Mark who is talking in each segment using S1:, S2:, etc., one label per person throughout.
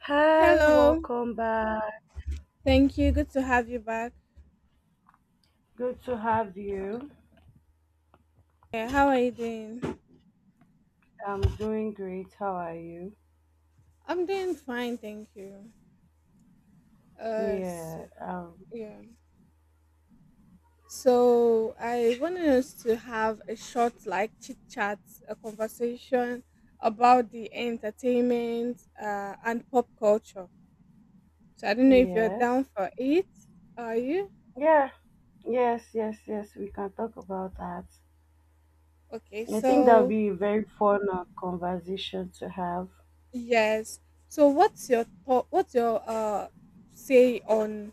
S1: Hi,
S2: Hello.
S1: welcome back.
S2: Thank you. Good to have you back.
S1: Good to have you.
S2: Yeah, how are you doing?
S1: I'm doing great. How are you?
S2: I'm doing fine, thank you. Uh, so,
S1: Yeah, um,
S2: yeah. So I wanted us to have a short, like chit chat, a conversation about the entertainment and pop culture. So I don't know if you're down
S1: yes.
S2: for it. Are you?
S1: Yeah, yes, yes, yes. We can talk about that.
S2: Okay.
S1: I think that'll be a very fun conversation to have.
S2: Yes. So what's your say on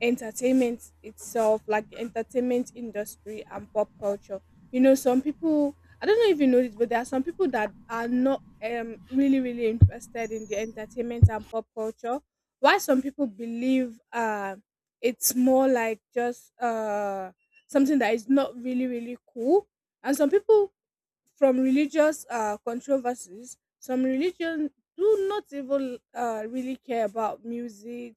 S2: entertainment itself, like the entertainment industry and pop culture? You know, some people, I don't know if you know this, but there are some people that are not really, really interested in the entertainment and pop culture. Why some people believe it's more like just something that is not really, really cool. And some people from religious controversies. Some religions do not even really care about music,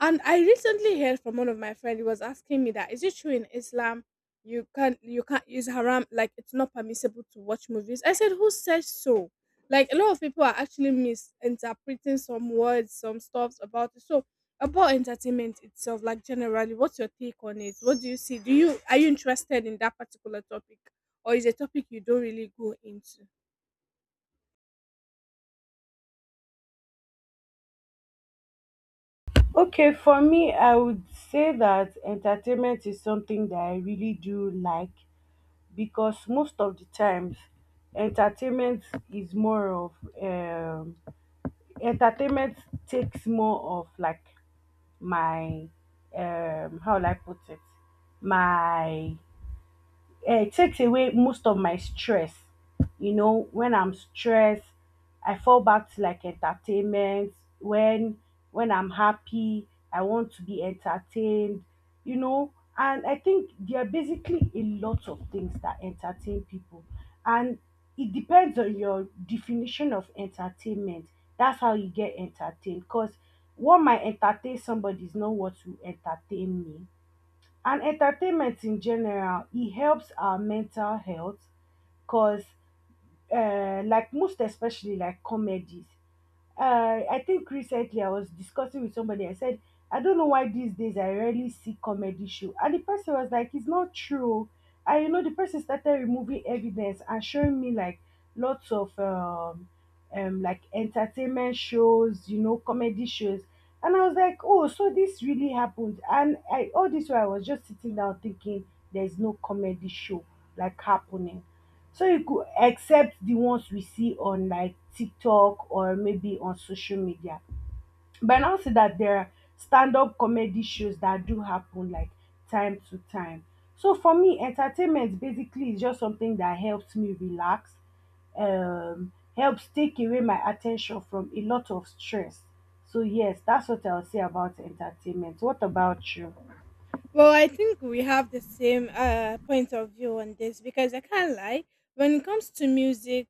S2: and I recently heard from one of my friends. He was asking me that is it true in Islam you can't use haram, like it's not permissible to watch movies? I said, who says so? Like, a lot of people are actually misinterpreting some words, some stuff about it. So about entertainment itself, like generally, what's your take on it? What do you see? Do you Are you interested in that particular topic, or is a topic you don't really go into?
S1: Okay, for me, I would say that entertainment is something that I really do like because most of the times, entertainment is more of um, entertainment takes more of like my how will I put it? My Takes away most of my stress. You know, when I'm stressed, I fall back to like entertainment. When when I'm happy, I want to be entertained. You know, and I think there are basically a lot of things that entertain people, and it depends on your definition of entertainment. That's how you get entertained. Cause what might entertain somebody is not what will entertain me, and entertainment in general, it helps our mental health, cause like most especially like comedies. I think recently I was discussing with somebody. I said, I don't know why these days I rarely see comedy show. And the person was like, it's not true. And you know, the person started removing evidence and showing me like lots of like entertainment shows, you know, comedy shows. And I was like, oh, so this really happened. And I all this while I was just sitting down thinking there's no comedy show like happening. So you could accept the ones we see on like TikTok or maybe on social media. But I now see that there are stand-up comedy shows that do happen like time to time. So for me, entertainment basically is just something that helps me relax, helps take away my attention from a lot of stress. So yes, that's what I'll say about entertainment. What about you?
S2: Well, I think we have the same point of view on this, because I can't lie. When it comes to music,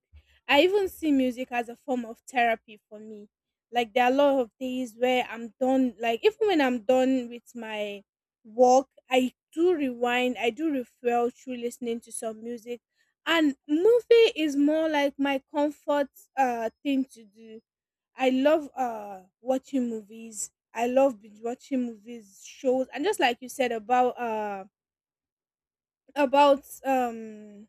S2: I even see music as a form of therapy for me. Like there are a lot of days where I'm done. Like even when I'm done with my work, I do rewind. I do refuel through listening to some music, and movie is more like my comfort thing to do. I love watching movies. I love binge watching movies, shows, and about um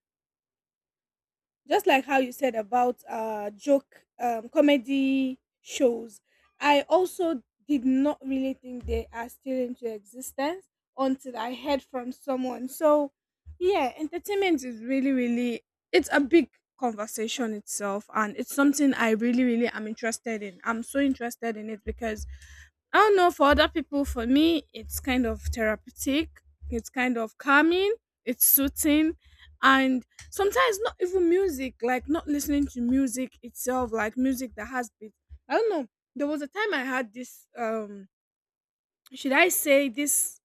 S2: just like how you said about joke comedy shows. I also did not really think they are still into existence until I heard from someone, so yeah, entertainment is really, really, it's a big conversation itself, and it's something I really, really am interested in. I'm so interested in it because I don't know for other people. For me, it's kind of therapeutic. It's kind of calming. It's soothing, and sometimes not even music, like not listening to music itself, like music that has beat. I don't know, there was a time I had this, should I say this,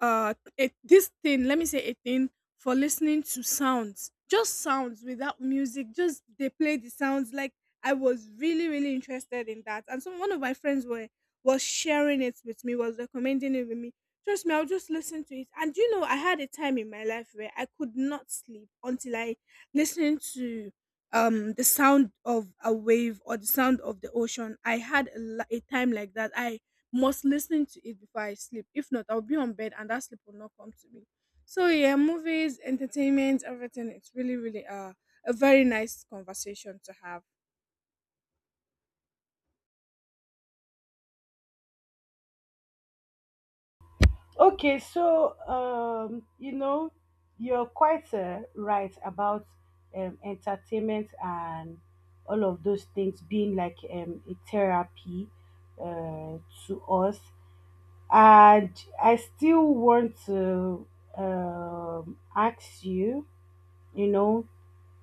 S2: this thing, let me say a thing, for listening to sounds, just sounds without music, just they play the sounds. Like I was really, really interested in that, and so one of my friends were was sharing it with me, was recommending it with me. Trust me, I'll just listen to it, and you know I had a time in my life where I could not sleep until I listened to the sound of a wave or the sound of the ocean. I had a time like that, I must listen to it before I sleep. If not, I'll be on bed and that sleep will not come to me. So yeah, movies, entertainment, everything. It's really, really a very nice conversation to have.
S1: Okay, so you know, you're quite right about entertainment and all of those things being like a therapy uh, to us. And I still want to ask you, you know,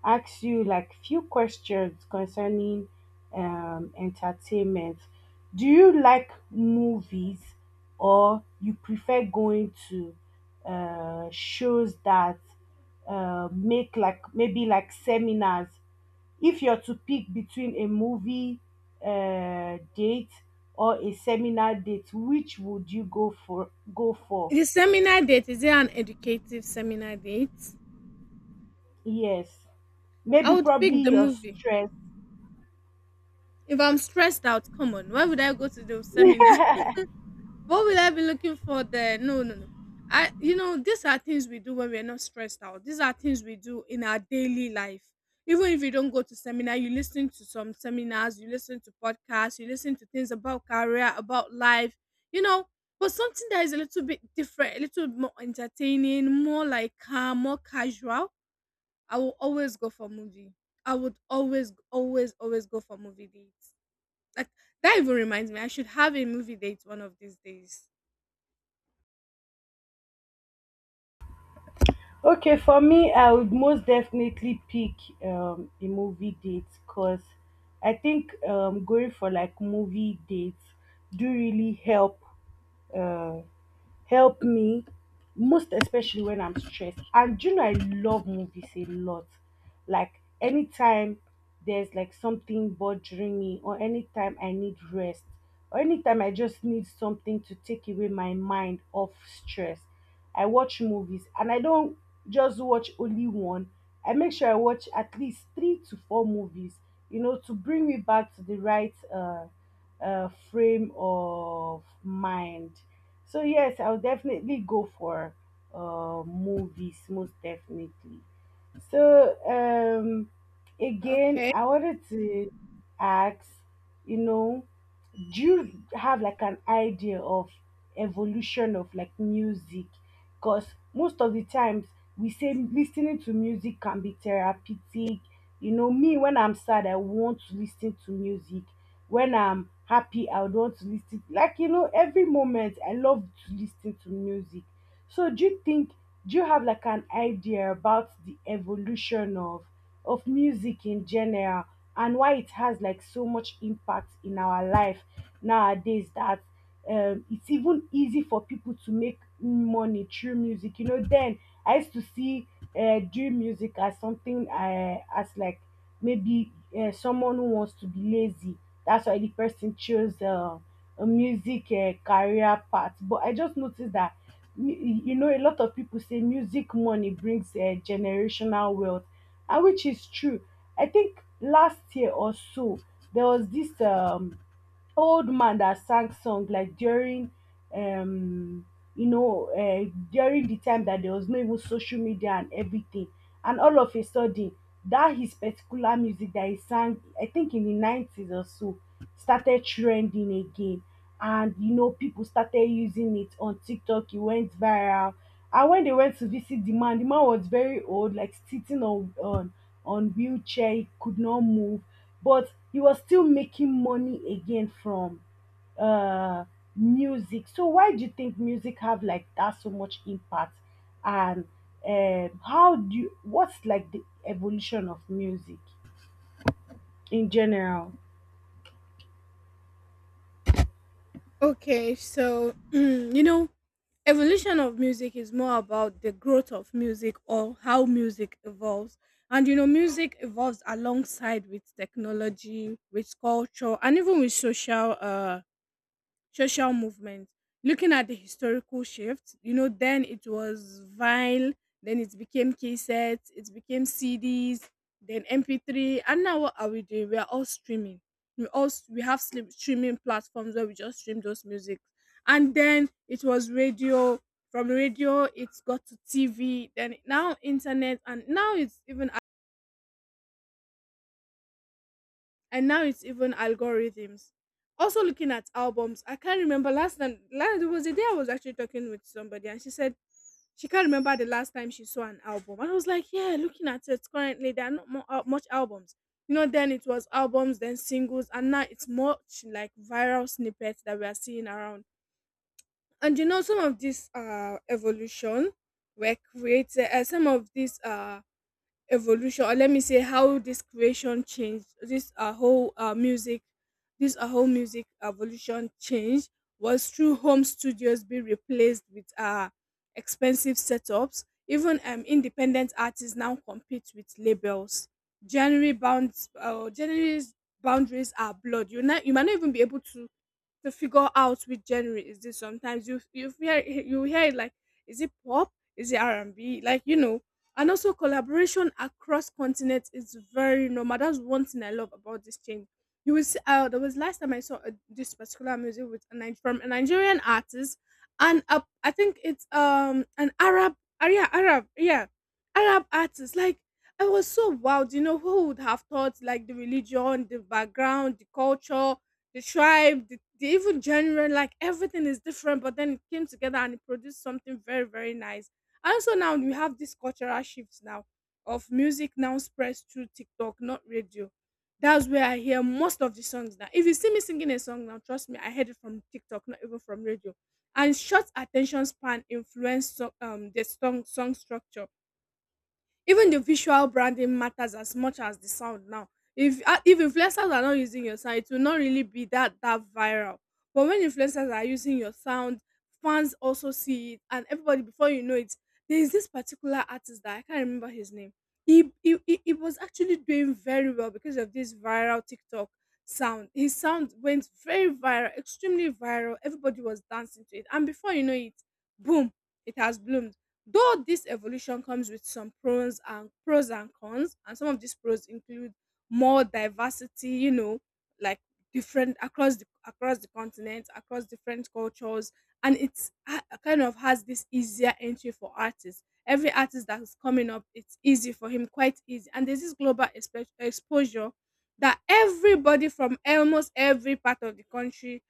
S1: ask you like few questions concerning entertainment. Do you like movies or you prefer going to shows that make like maybe like seminars? If you're to pick between a movie date or a seminar date, which would you go for? Go for
S2: The seminar date, is it an educative seminar date?
S1: yes,
S2: I
S1: maybe
S2: would pick the
S1: probably your
S2: movie.
S1: stress.
S2: If I'm stressed out, come on, why would I go to the seminar? What will I be looking for there? No, no, no. I, these are things we do when we're not stressed out. These are things we do in our daily life. Even if you don't go to seminar, you listen to some seminars, you listen to podcasts, you listen to things about career, about life, you know. But something that is a little bit different, a little more entertaining, more like calm, more casual. I will always go for movie. I would always, always, always go for movie dates, like that even reminds me, I should have a movie date one of these days.
S1: Okay, for me, I would most definitely pick a movie date because I think going for like movie dates do really help uh, help me most especially when I'm stressed. And you know, I love movies a lot. Like anytime there's like something bothering me, or anytime I need rest, or anytime I just need something to take away my mind off stress. I watch movies and I don't just watch only one. I make sure I watch at least three to four movies, you know, to bring me back to the right frame of mind. So, yes, I'll definitely go for movies, most definitely. So again,
S2: Okay.
S1: I wanted to ask, you know, do you have like an idea of evolution of like music? Because most of the times we say listening to music can be therapeutic. You know, me when I'm sad, I want to listen to music. When I'm happy, I would want to listen. Like you know, every moment I love to listen to music. So do you have like an idea about the evolution of music in general and why it has like so much impact in our life nowadays that it's even easy for people to make money through music. You know, then I used to see doing music as something as like maybe someone who wants to be lazy. That's why the person chose a music career path. But I just noticed that you know a lot of people say music money brings generational wealth, and which is true. I think last year or so there was this old man that sang song like during um you know during the time that there was no even social media and everything, and all of a sudden that his particular music that he sang I think in the 90s or so started trending again, and you know people started using it on TikTok. It went viral, and when they went to visit the man, the man was very old, like sitting on wheelchair. He could not move, but he was still making money again from uh, music. So why do you think music have like that so much impact? And how do you, what's like the evolution of music in general?
S2: Okay, so evolution of music is more about the growth of music or how music evolves. And music evolves alongside with technology, with culture, and even with social movement. Looking at the historical shift, then it was vinyl, then it became cassettes, it became CDs, then MP3, and now what are we doing? We are all streaming. We all we have streaming platforms where we just stream those music, and then it was radio. From radio, it's got to TV. Then now internet, and now it's even algorithms. Also looking at albums, I can't remember last time. Last There was a day I was actually talking with somebody, and she said she can't remember the last time she saw an album. And I was like, yeah, looking at it currently, there are not more, much albums. You know, then it was albums, then singles, and now it's much like viral snippets that we are seeing around. And some of this evolution were created, some of these evolution, or let me say how this creation changed this whole music, this whole music evolution change, was through home studios being replaced with expensive setups. Even independent artists now compete with labels. January's boundaries are blurred. You not you might not even be able to figure out which genre is this. Sometimes you hear it like, is it pop, is it r&b, like, you know. And also collaboration across continents is very normal. That's one thing I love about this change. You will see, there was last time I saw this particular music with from a Nigerian artist, and I think it's an Arab, yeah, Arab, yeah, Arab artist, like I was so wild, you know, who would have thought, like the religion, the background, the culture, the tribe, the even genre, like everything is different, but then it came together and it produced something very, very nice. And also now we have this cultural shift now of music now spreads through TikTok, not radio. That's where I hear most of the songs now. If you see me singing a song now, trust me, I heard it from TikTok, not even from radio. And short attention span influence so, the song structure, even the visual branding matters as much as the sound now. If if influencers are not using your sound, it will not really be that viral. But when influencers are using your sound, fans also see it, and everybody, before you know it, there is this particular artist that I can't remember his name. He was actually doing very well because of this viral TikTok sound. His sound went very viral, extremely viral, everybody was dancing to it, and before you know it, boom, it has bloomed. Though this evolution comes with some pros and cons, and some of these pros include more diversity, you know, like different across the continent, across different cultures, and it's kind of has this easier entry for artists. Every artist that is coming up, it's easy for him, quite easy. And there's this global exposure that everybody from almost every part of the country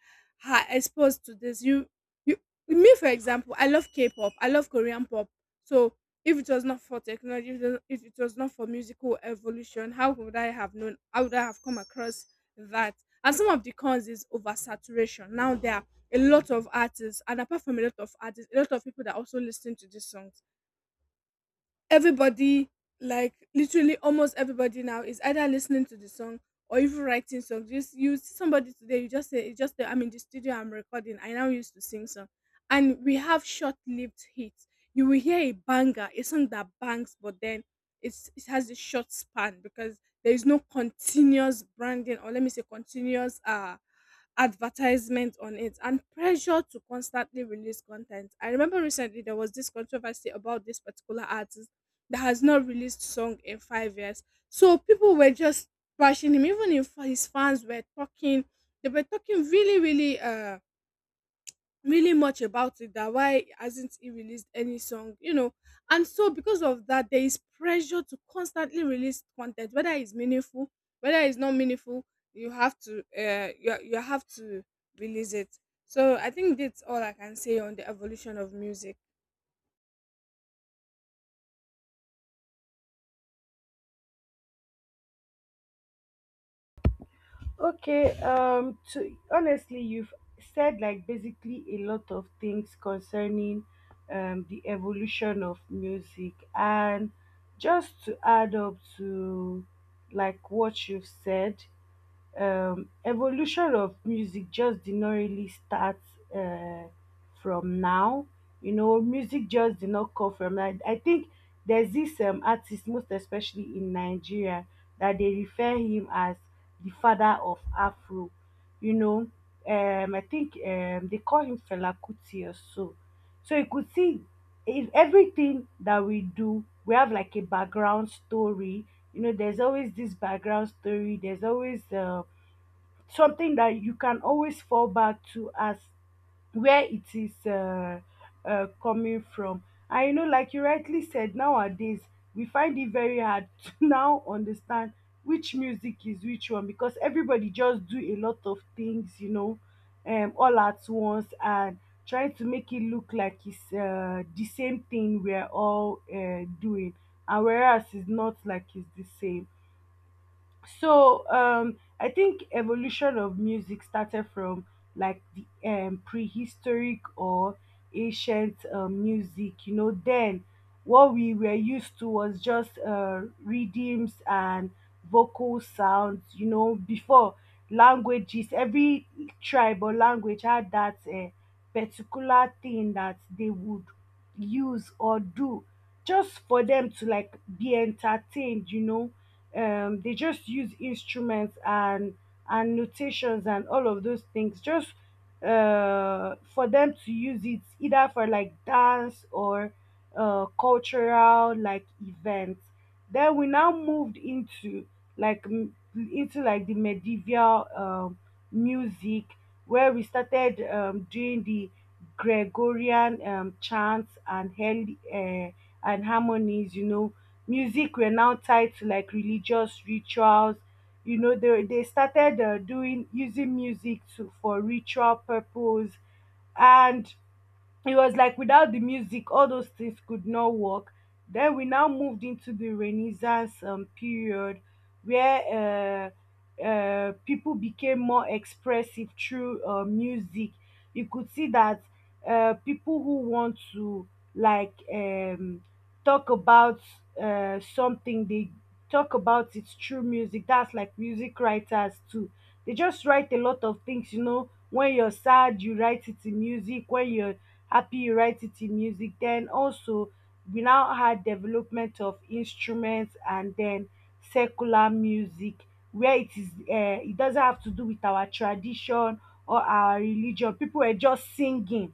S2: are exposed to this. You, Me, for example, I love K-pop, I love Korean pop, so if it was not for technology, if it was not for musical evolution, how would I have known? How would I have come across that? And some of the cons is oversaturation. Now there are a lot of artists, and apart from a lot of artists, a lot of people that also listen to this song. Everybody, like literally almost everybody now, is either listening to the song or even writing songs. Just you see somebody today, you just say, it's just that I'm in the studio, I'm recording. I now used to sing song, and we have short-lived hits. You will hear a banger, a song that bangs, but then it has a short span because there is no continuous branding, or let me say continuous advertisement on it, and pressure to constantly release content. I remember recently there was this controversy about this particular artist that has not released song in 5 years. So people were just bashing him. Even if his fans were talking, they were talking really, really, really much about it. That why hasn't he released any song? You know, and so because of that, there is pressure to constantly release content, whether it's meaningful, whether it's not meaningful. You have to, you have to release it. So I think that's all I can say on the evolution of music.
S1: Okay, to honestly, you've said like basically a lot of things concerning the evolution of music, and just to add up to like what you've said, evolution of music just did not really start uh, from now. You know, music just did not come from that. I think there's this artist, most especially in Nigeria, that they refer him as the father of Afro. You know, I think they call him Fela Kuti or so. So you could see if everything that we do, we have like a background story. You know, there's always this background story. There's always something that you can always fall back to as where it is coming from. And you know, like you rightly said, nowadays we find it very hard to now understand which music is which one because everybody just do a lot of things, you know, all at once and trying to make it look like it's the same thing we're all doing, and whereas it's not like it's the same. So I think evolution of music started from like the prehistoric or ancient music. You know, then what we were used to was just rhythms and vocal sounds, you know, before languages. Every tribe or language had that particular thing that they would use or do just for them to like be entertained. You know, they just use instruments and notations and all of those things just for them to use it either for like dance or cultural like events. Then we now moved into into like the medieval music, where we started doing the Gregorian chants and and harmonies. You know, music were now tied to like religious rituals. You know, they started doing using music to for ritual purpose, and it was like without the music all those things could not work. Then we now moved into the renaissance period, where people became more expressive through music. You could see that people who want to like talk about something, they talk about it through music. That's like music writers too. They just write a lot of things. You know, when you're sad you write it in music, when you're Happy Urartity music. Then also we now had development of instruments and then secular music, where it is it doesn't have to do with our tradition or our religion. People were just singing,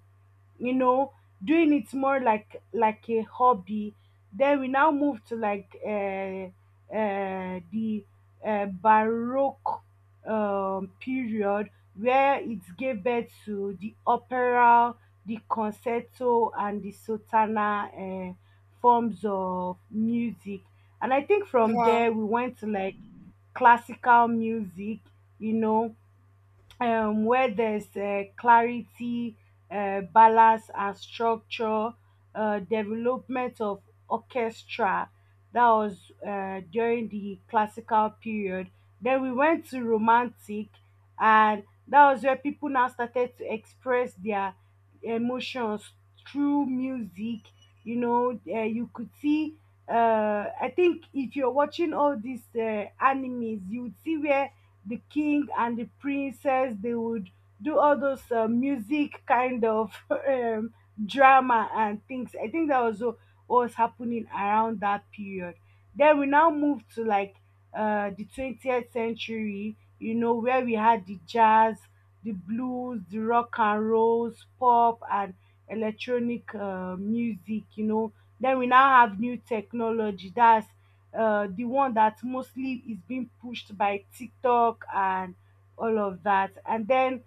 S1: you know, doing it more like a hobby. Then we now move to like the baroque period, where it gave birth to the opera, the concerto, and the sotana uh, forms of music. And I think from
S2: Wow.
S1: there we went to like classical music, you know, where there's clarity, balance, and structure, development of orchestra. That was during the classical period. Then we went to romantic, and that was where people now started to express their emotions through music. You know, you could see. I think if you're watching all these animes, you would see where the king and the princess they would do all those music kind of um, drama and things. I think that was what was happening around that period. Then we now move to like the 20th century, you know, where we had the jazz, the blues, the rock and rolls, pop, and electronic music. You know, then we now have new technology, that's the one that mostly is being pushed by TikTok and all of that. And then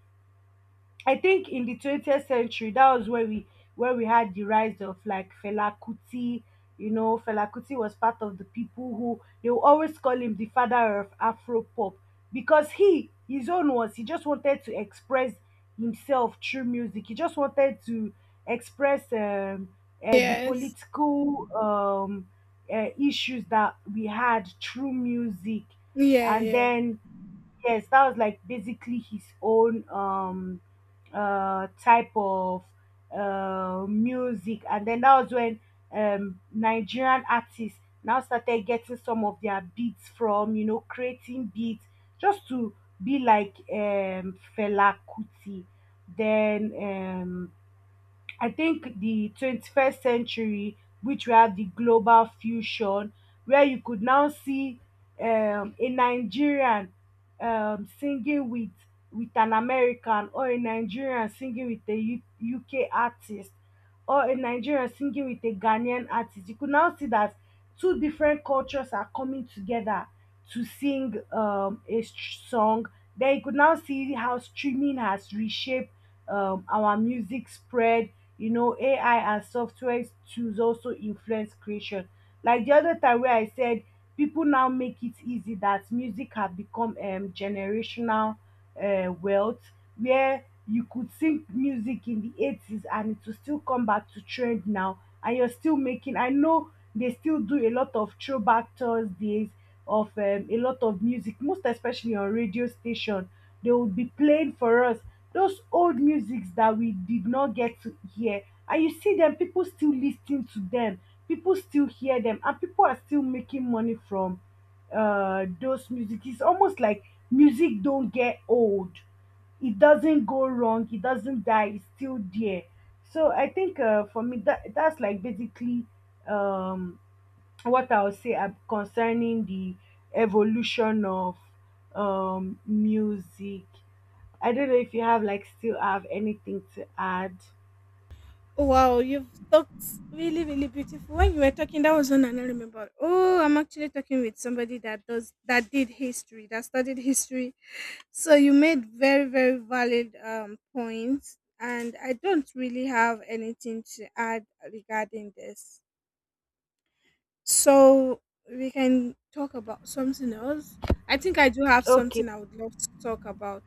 S1: I think in the 20th century, that was where we had the rise of like Fela Kuti. You know, Fela Kuti was part of the people who they will always call him the father of Afro pop because he his own was he just wanted to express himself through music. He just wanted to express the
S2: Yes.
S1: political issues that we had through music,
S2: Yeah.
S1: and
S2: Yeah.
S1: then yes that was like basically his own type of music. And then that was when Nigerian artists now started getting some of their beats from, you know, creating beats just to be like Fela Kuti. Then I think the 21st century, which we have the global fusion, where you could now see a Nigerian singing with an American, or a Nigerian singing with a UK artist, or a Nigerian singing with a Ghanaian artist. You could now see that two different cultures are coming together to sing a song. Then you could now see how streaming has reshaped our music spread. You know, AI and software tools also influence creation. Like the other time where I said, people now make it easy that music have become generational wealth, where you could sing music in the 80s and it will still come back to trend now and you're still making. I know they still do a lot of throwback Thursdays of a lot of music, most especially on radio station. They will be playing for us those old musics that we did not get to hear, and you see them people still listening to them, people still hear them, and people are still making money from those music. It's almost like music don't get old, it doesn't go wrong, it doesn't die, it's still there. So I think for me that's like basically um what I'll say concerning the evolution of music. I don't know if you have like still have anything to add.
S2: Wow, you've talked really, really beautiful. When you were talking, that was one I now remember. Oh, I'm actually talking with somebody that does that did history, that studied history. So you made very, very valid points, and I don't really have anything to add regarding this. So we can talk about something else. I think I do have
S1: Okay.
S2: something I would love to talk about,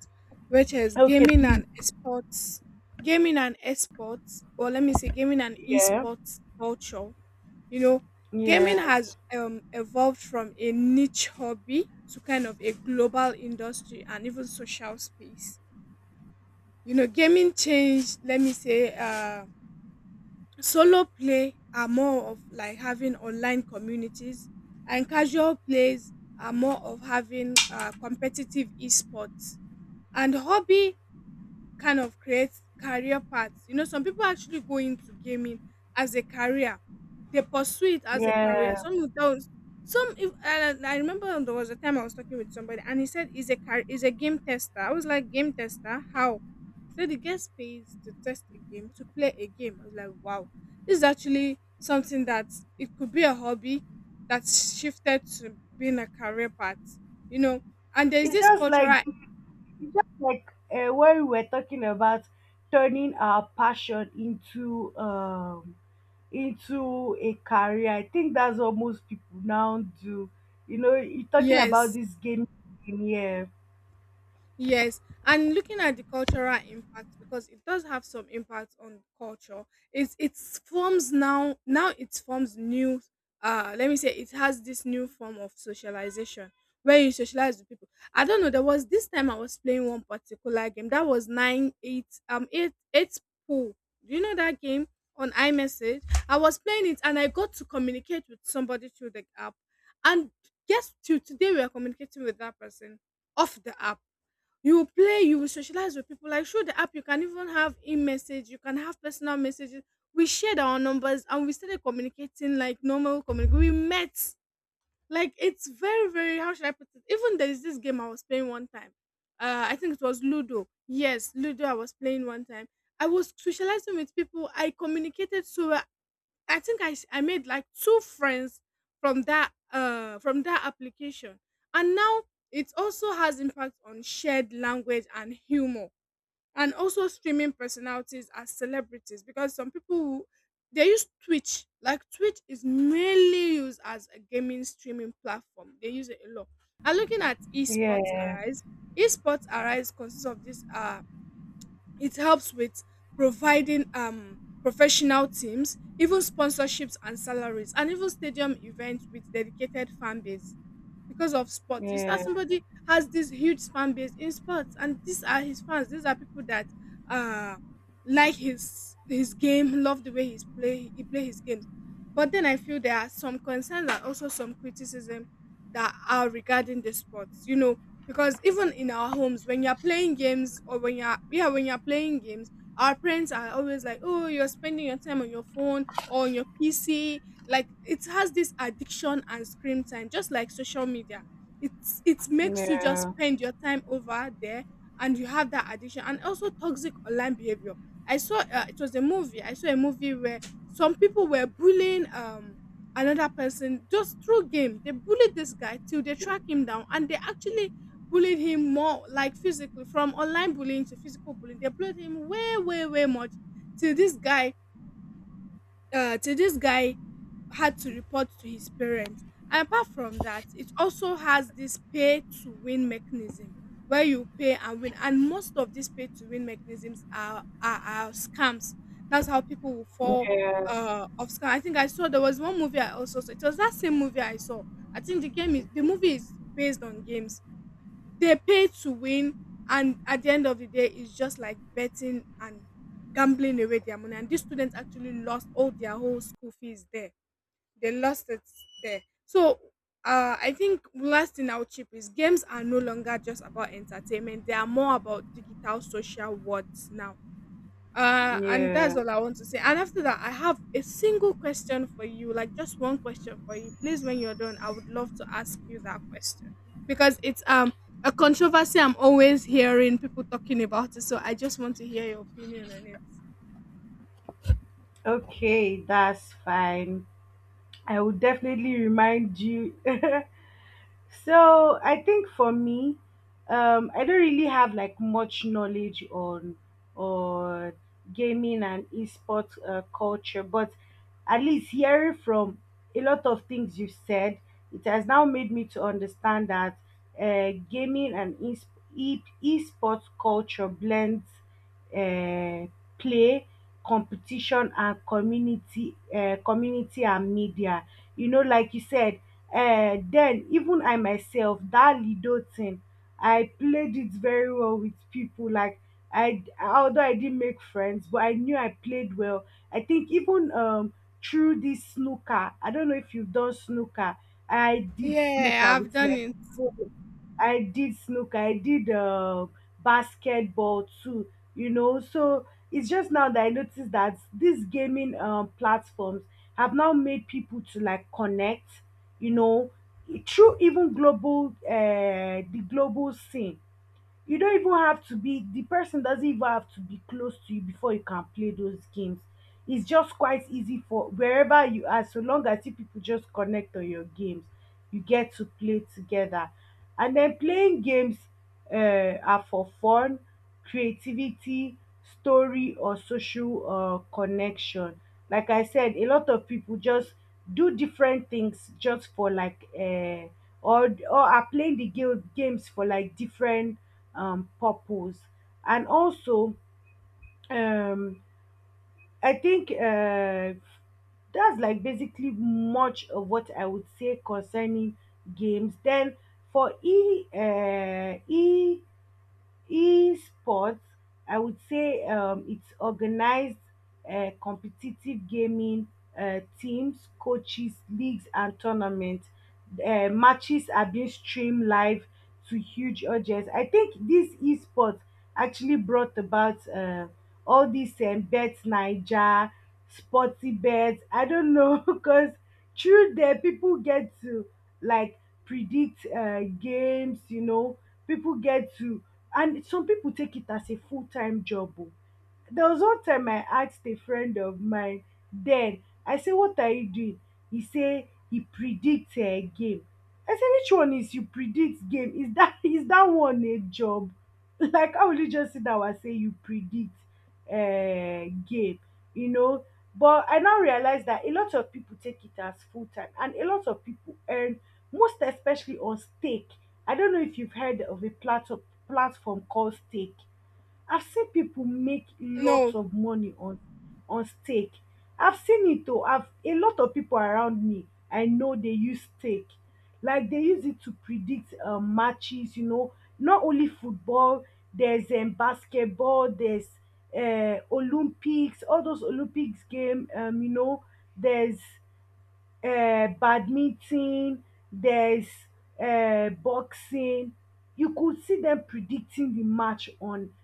S2: which is
S1: Okay,
S2: gaming
S1: please.
S2: and esports. Gaming and esports, or let me say, gaming and
S1: Yeah.
S2: esports culture. You know, gaming
S1: Yes.
S2: has evolved from a niche hobby to kind of a global industry and even social space. You know, gaming changed, let me say, solo play are more of like having online communities, and casual plays are more of having competitive esports. And hobby kind of creates career paths. You know, some people actually go into gaming as a career. They pursue it as a career.
S1: Yeah.
S2: Some of those, some. If, and I remember there was a time I was talking with somebody, and he said he's a game tester. I was like, game tester? How? So the guest pays to test a game, to play a game. I was like, wow, this is actually something that it could be a hobby that's shifted to being a career path, you know. And there's
S1: It's
S2: this
S1: just like
S2: cultural,
S1: it's just like when we were talking about turning our passion into a career. I think that's what most people now do. You know, you're talking about
S2: yes.
S1: this game, yeah.
S2: Yes, and looking at the cultural impact because it does have some impact on culture. It's it forms now now it forms new let me say it has this new form of socialization where you socialize with people. I don't know, there was this time I was playing one particular game that was nine eight eight eight pool. Do you know that game on iMessage? I was playing it and I got to communicate with somebody through the app. And guess till today we are communicating with that person off the app. You will play, you will socialize with people like through the app. You can even have in message, you can have personal messages. We shared our numbers and we started communicating like normal communication. We met, like, it's very, very, how should I put it? Even there is this game I was playing one time, I think it was ludo. Yes, ludo, I was playing one time. I was socializing with people, I communicated so well. I think I made like two friends from that application, and now it also has impact on shared language and humor, and also streaming personalities as celebrities because some people who, they use Twitch. Like Twitch is mainly used as a gaming streaming platform. They use it a lot. And looking at
S1: Yeah,
S2: esports arise consists of this it helps with providing professional teams, even sponsorships and salaries and even stadium events with dedicated fan base because of sports. You start,
S1: yeah,
S2: somebody has this huge fan base in sports, and these are his fans. These are people that uh like his game, love the way he play his games. But then I feel there are some concerns and also some criticism that are regarding the sports. You know, because even in our homes, when you're playing games or when you're yeah when you're playing games, our parents are always like, oh, you're spending your time on your phone or on your PC. Like it has this addiction and screen time, just like social media. It's, it makes you just
S1: yeah,
S2: spend your time over there, and you have that addiction, and also toxic online behavior. I saw, it was a movie, I saw a movie where some people were bullying another person just through game. They bullied this guy till they track him down and they actually bullied him more like physically. From online bullying to physical bullying, they bullied him way way way much till this guy uh, till this guy had to report to his parents. And apart from that, it also has this pay to win mechanism where you pay and win. And most of these pay to win mechanisms are scams. That's how people will fall
S1: yeah,
S2: off scam. I think I saw, there was one movie I also saw. It was that same movie I saw. I think the game is the movie is based on games. They pay to win, and at the end of the day it's just like betting and gambling away their money, and these students actually lost all their whole school fees there. They lost it there. So I think last thing I'll chip is games are no longer just about entertainment. They are more about digital social worlds now. And that's
S1: yeah.
S2: all I want to say. And after that, I have a single question for you, like just one question for you. Please, when you're done, I would love to ask you that question because it's a controversy I'm always hearing people talking about it. So I just want to hear your opinion on it.
S1: Okay, that's fine. I will definitely remind you So I think for me, I don't really have like much knowledge on on gaming and esports culture, but at least hearing from a lot of things you said, it has now made me to understand that gaming and esports culture blends uh, play, competition, and community community and media. You know, like you said, then even I myself, that lido thing, I played it very well with people. Like, I although I didn't make friends, but I knew I played well. I think even through this snooker, I don't know if you've done snooker. I did snooker
S2: Yeah, I've
S1: with
S2: done
S1: like
S2: it.
S1: I did snooker, I did basketball too, you know. So it's just now that I noticed that these gaming platforms have now made people to like connect, you know, through even global, the global scene. You don't even have to be, the person doesn't even have to be close to you before you can play those games. It's just quite easy for wherever you are, so long as you people just connect on your games, you get to play together. And then playing games are for fun, creativity, story, or social connection. Like I said, a lot of people just do different things just for like, or are playing the game, games for like different purpose. And also, um, I think that's like basically much of what I would say concerning games. Then for e e esports, I would say it's organized competitive gaming, teams, coaches, leagues, and tournaments. Matches are being streamed live to huge audience. I think this esports actually brought about all these bet naija, sporty bet, I don't know because through there people get to like predict games, you know, people get to, and some people take it as a full-time job, oh. There was one time I asked a friend of mine then, I say, "What are you doing?" He say he predict a game. I say, "Which one is you predict game? Is that is that one a job?" Like how will you just sit down and say you predict game? You know? But I now realize that a lot of people take it as full time and a lot of people earn, most especially on stake. I don't know if you've heard of a platform called stake. I've seen people make
S2: No.
S1: lots of money on steak. I've seen it though. I've a lot of people around me, I know they use steak. Like they use it to predict matches, you know, not only football, there's basketball, there's Olympics, all those Olympics game, you know, there's badminton, there's boxing. You could see them predicting the match on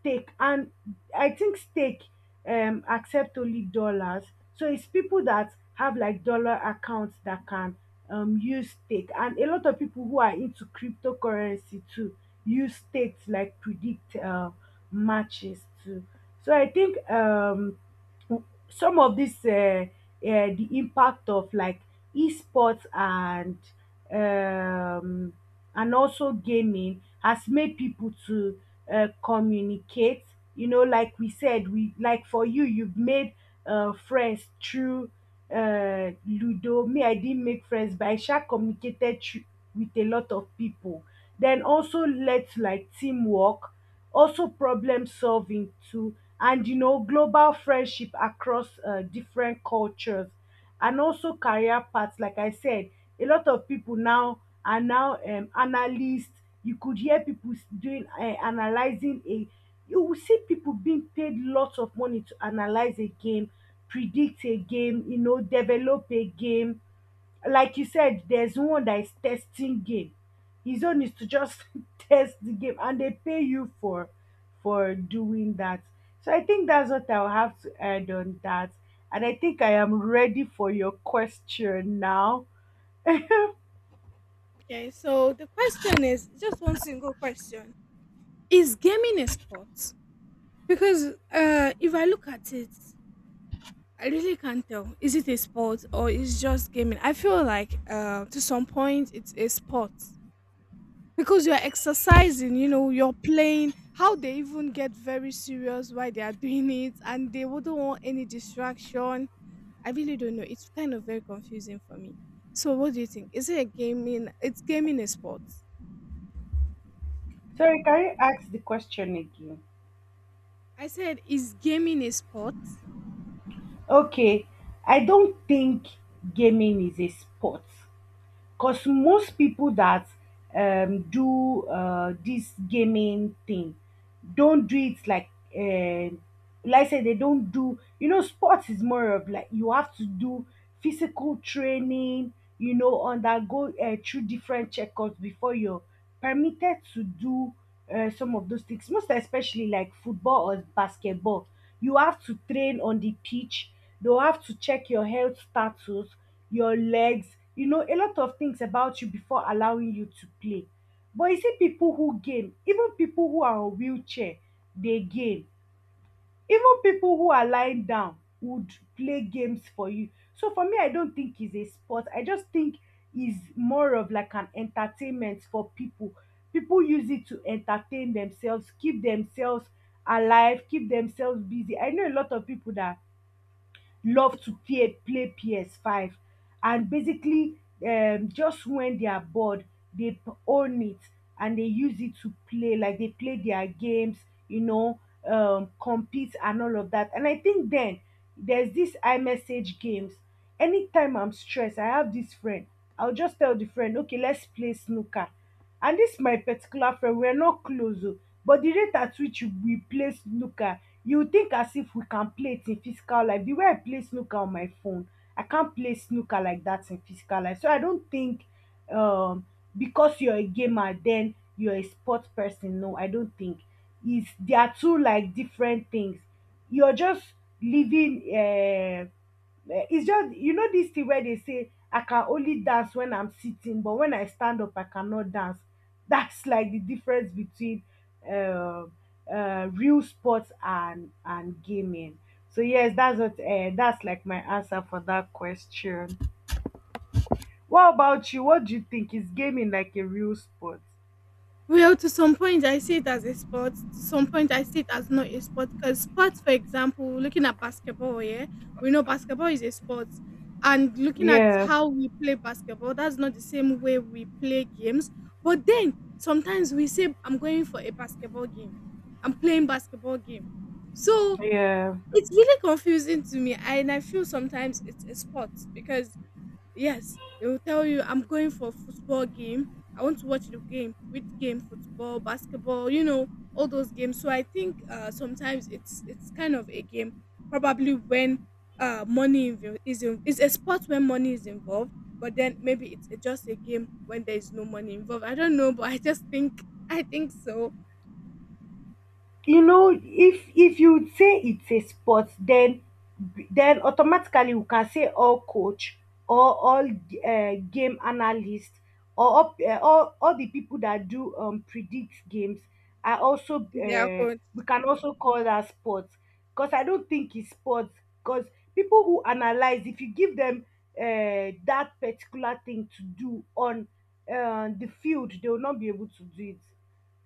S1: stake. And I think stake accept only dollars. So it's people that have like dollar accounts that can use stake. And a lot of people who are into cryptocurrency too use stake to like predict matches too. So I think some of this the impact of like esports um, and also gaming has made people to communicate. You know, like we said, we like for you, you've made friends through ludo, me I didn't make friends but I sha communicated through, with a lot of people. Then also led to like teamwork, also problem solving too, and you know, global friendship across different cultures, and also career paths. Like I said, a lot of people now are now analysts. You could hear people doing analyzing a. You will see people being paid lots of money to analyze a game, predict a game, you know, develop a game. Like you said, there's one that is testing game. His own is to just test the game, and they pay you for doing that. So I think that's what I'll have to add on that. And I think I am ready for your question now.
S2: Okay, so the question is just one single question. Is gaming a sport? Because if I look at it, I really can't tell. Is it a sport or is just gaming? I feel like to some point it's a sport because you're exercising. You know, you're playing. How they even get very serious while they are doing it, and they wouldn't want any distraction. I really don't know. It's kind of very confusing for me. So, what do you think? Is it a gaming? It's gaming a sport.
S1: Sorry, can you ask the question again?
S2: I said, is gaming a sport?
S1: Okay, I don't think gaming is a sport. Because most people that do this gaming thing don't do it uh like I said, they don't do, you know, sports is more of like you have to do physical training, you know, undergo through different checkups before you're permitted to do some of those things, most especially like football or basketball. You have to train on the pitch. They'll have to check your health status, your legs, you know, a lot of things about you before allowing you to play. But you see people who game, even people who are on wheelchair, they game, even people who are lying down would play games for you. So for me, I don't think it's a sport. I just think is more of like an entertainment for people. People use it to entertain themselves, keep themselves alive, keep themselves busy. I know a lot of people that love to play PS5 and basically just when they are bored they own it and they use it to play, like they play their games, you know, compete and all of that. And I think then there's this iMessage games. Anytime I'm stressed, I have this friend, I'll just tell the friend, "Okay, let's play snooker." And this my particular friend, we are not close o, but the rate at which we play snooker, you would think as if we can play it in physical life. The way I play snooker on my phone, I can't play snooker like that in physical life. So I don't think um because you're a gamer then you're a sports person. No, I don't think it's, they are two like different things. You're just living it's just, you know, this thing where they say I can only dance when I'm sitting but when I stand up I cannot dance. That's like the difference between uh, real sports and gaming. So yes, that's what that's like my answer for that question. What about you? What do you think? Is gaming like a real sport?
S2: Well, to some point, I see it as a sport. To some point, I see it as not a sport. Because sports, for example, looking at basketball, yeah, we know basketball is a sport. And looking at
S1: Yeah,
S2: how we play basketball, that's not the same way we play games. But then sometimes we say, I'm going for a basketball game. I'm playing basketball game. So
S1: yeah.
S2: it's really confusing to me. And I feel sometimes it's a sport because yes, they will tell you I'm going for football game. I want to watch the game. Which game? Football, basketball, you know, all those games. So I think sometimes it's kind of a game. Probably when money is in, it's a sport when money is involved, but then maybe it's a- just a game when there is no money involved. I don't know, but I just think I think so.
S1: You know, if you would say it's a sport, then automatically we can say all coach or all game analyst or all the people that do predict games are also
S2: Yeah, but-
S1: we can also call that sports. Because I don't think it's sports, because people who analyze, if you give them that particular thing to do on the field, they will not be able to do it,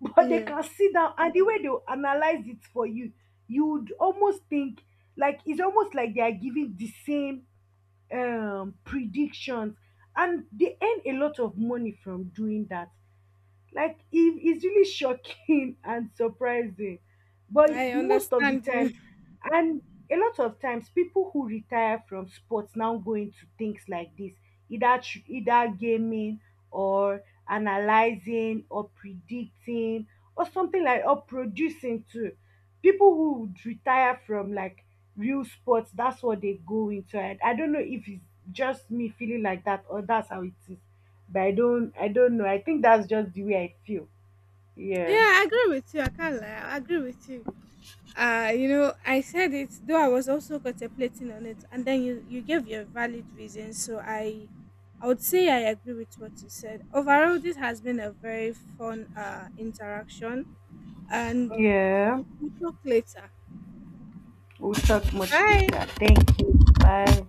S1: but they
S2: yeah,
S1: can sit down and the way they will analyze it for you, you would almost think like it's almost like they are giving the same predictions, and they earn a lot of money from doing that. Like it is really shocking and surprising. But
S2: I
S1: most of the
S2: understand you.
S1: times, and a lot of times, people who retire from sports now go into things like this, either either gaming or analyzing or predicting or something like or producing too. People who would retire from like real sports, that's what they go into. I don't know if it's just me feeling like that or that's how it is, but I don't, I don't know, I think that's just the way I feel.
S2: Yeah,
S1: Yeah.
S2: I agree with you. I can't lie. I agree with you. You know, I said it though, I was also contemplating on it, and then you gave your valid reason, so I would say I agree with what you said. Overall, this has been a very fun interaction, and
S1: Yeah,
S2: we talk later.
S1: we'll talk much
S2: Bye.
S1: later. Thank you. Bye.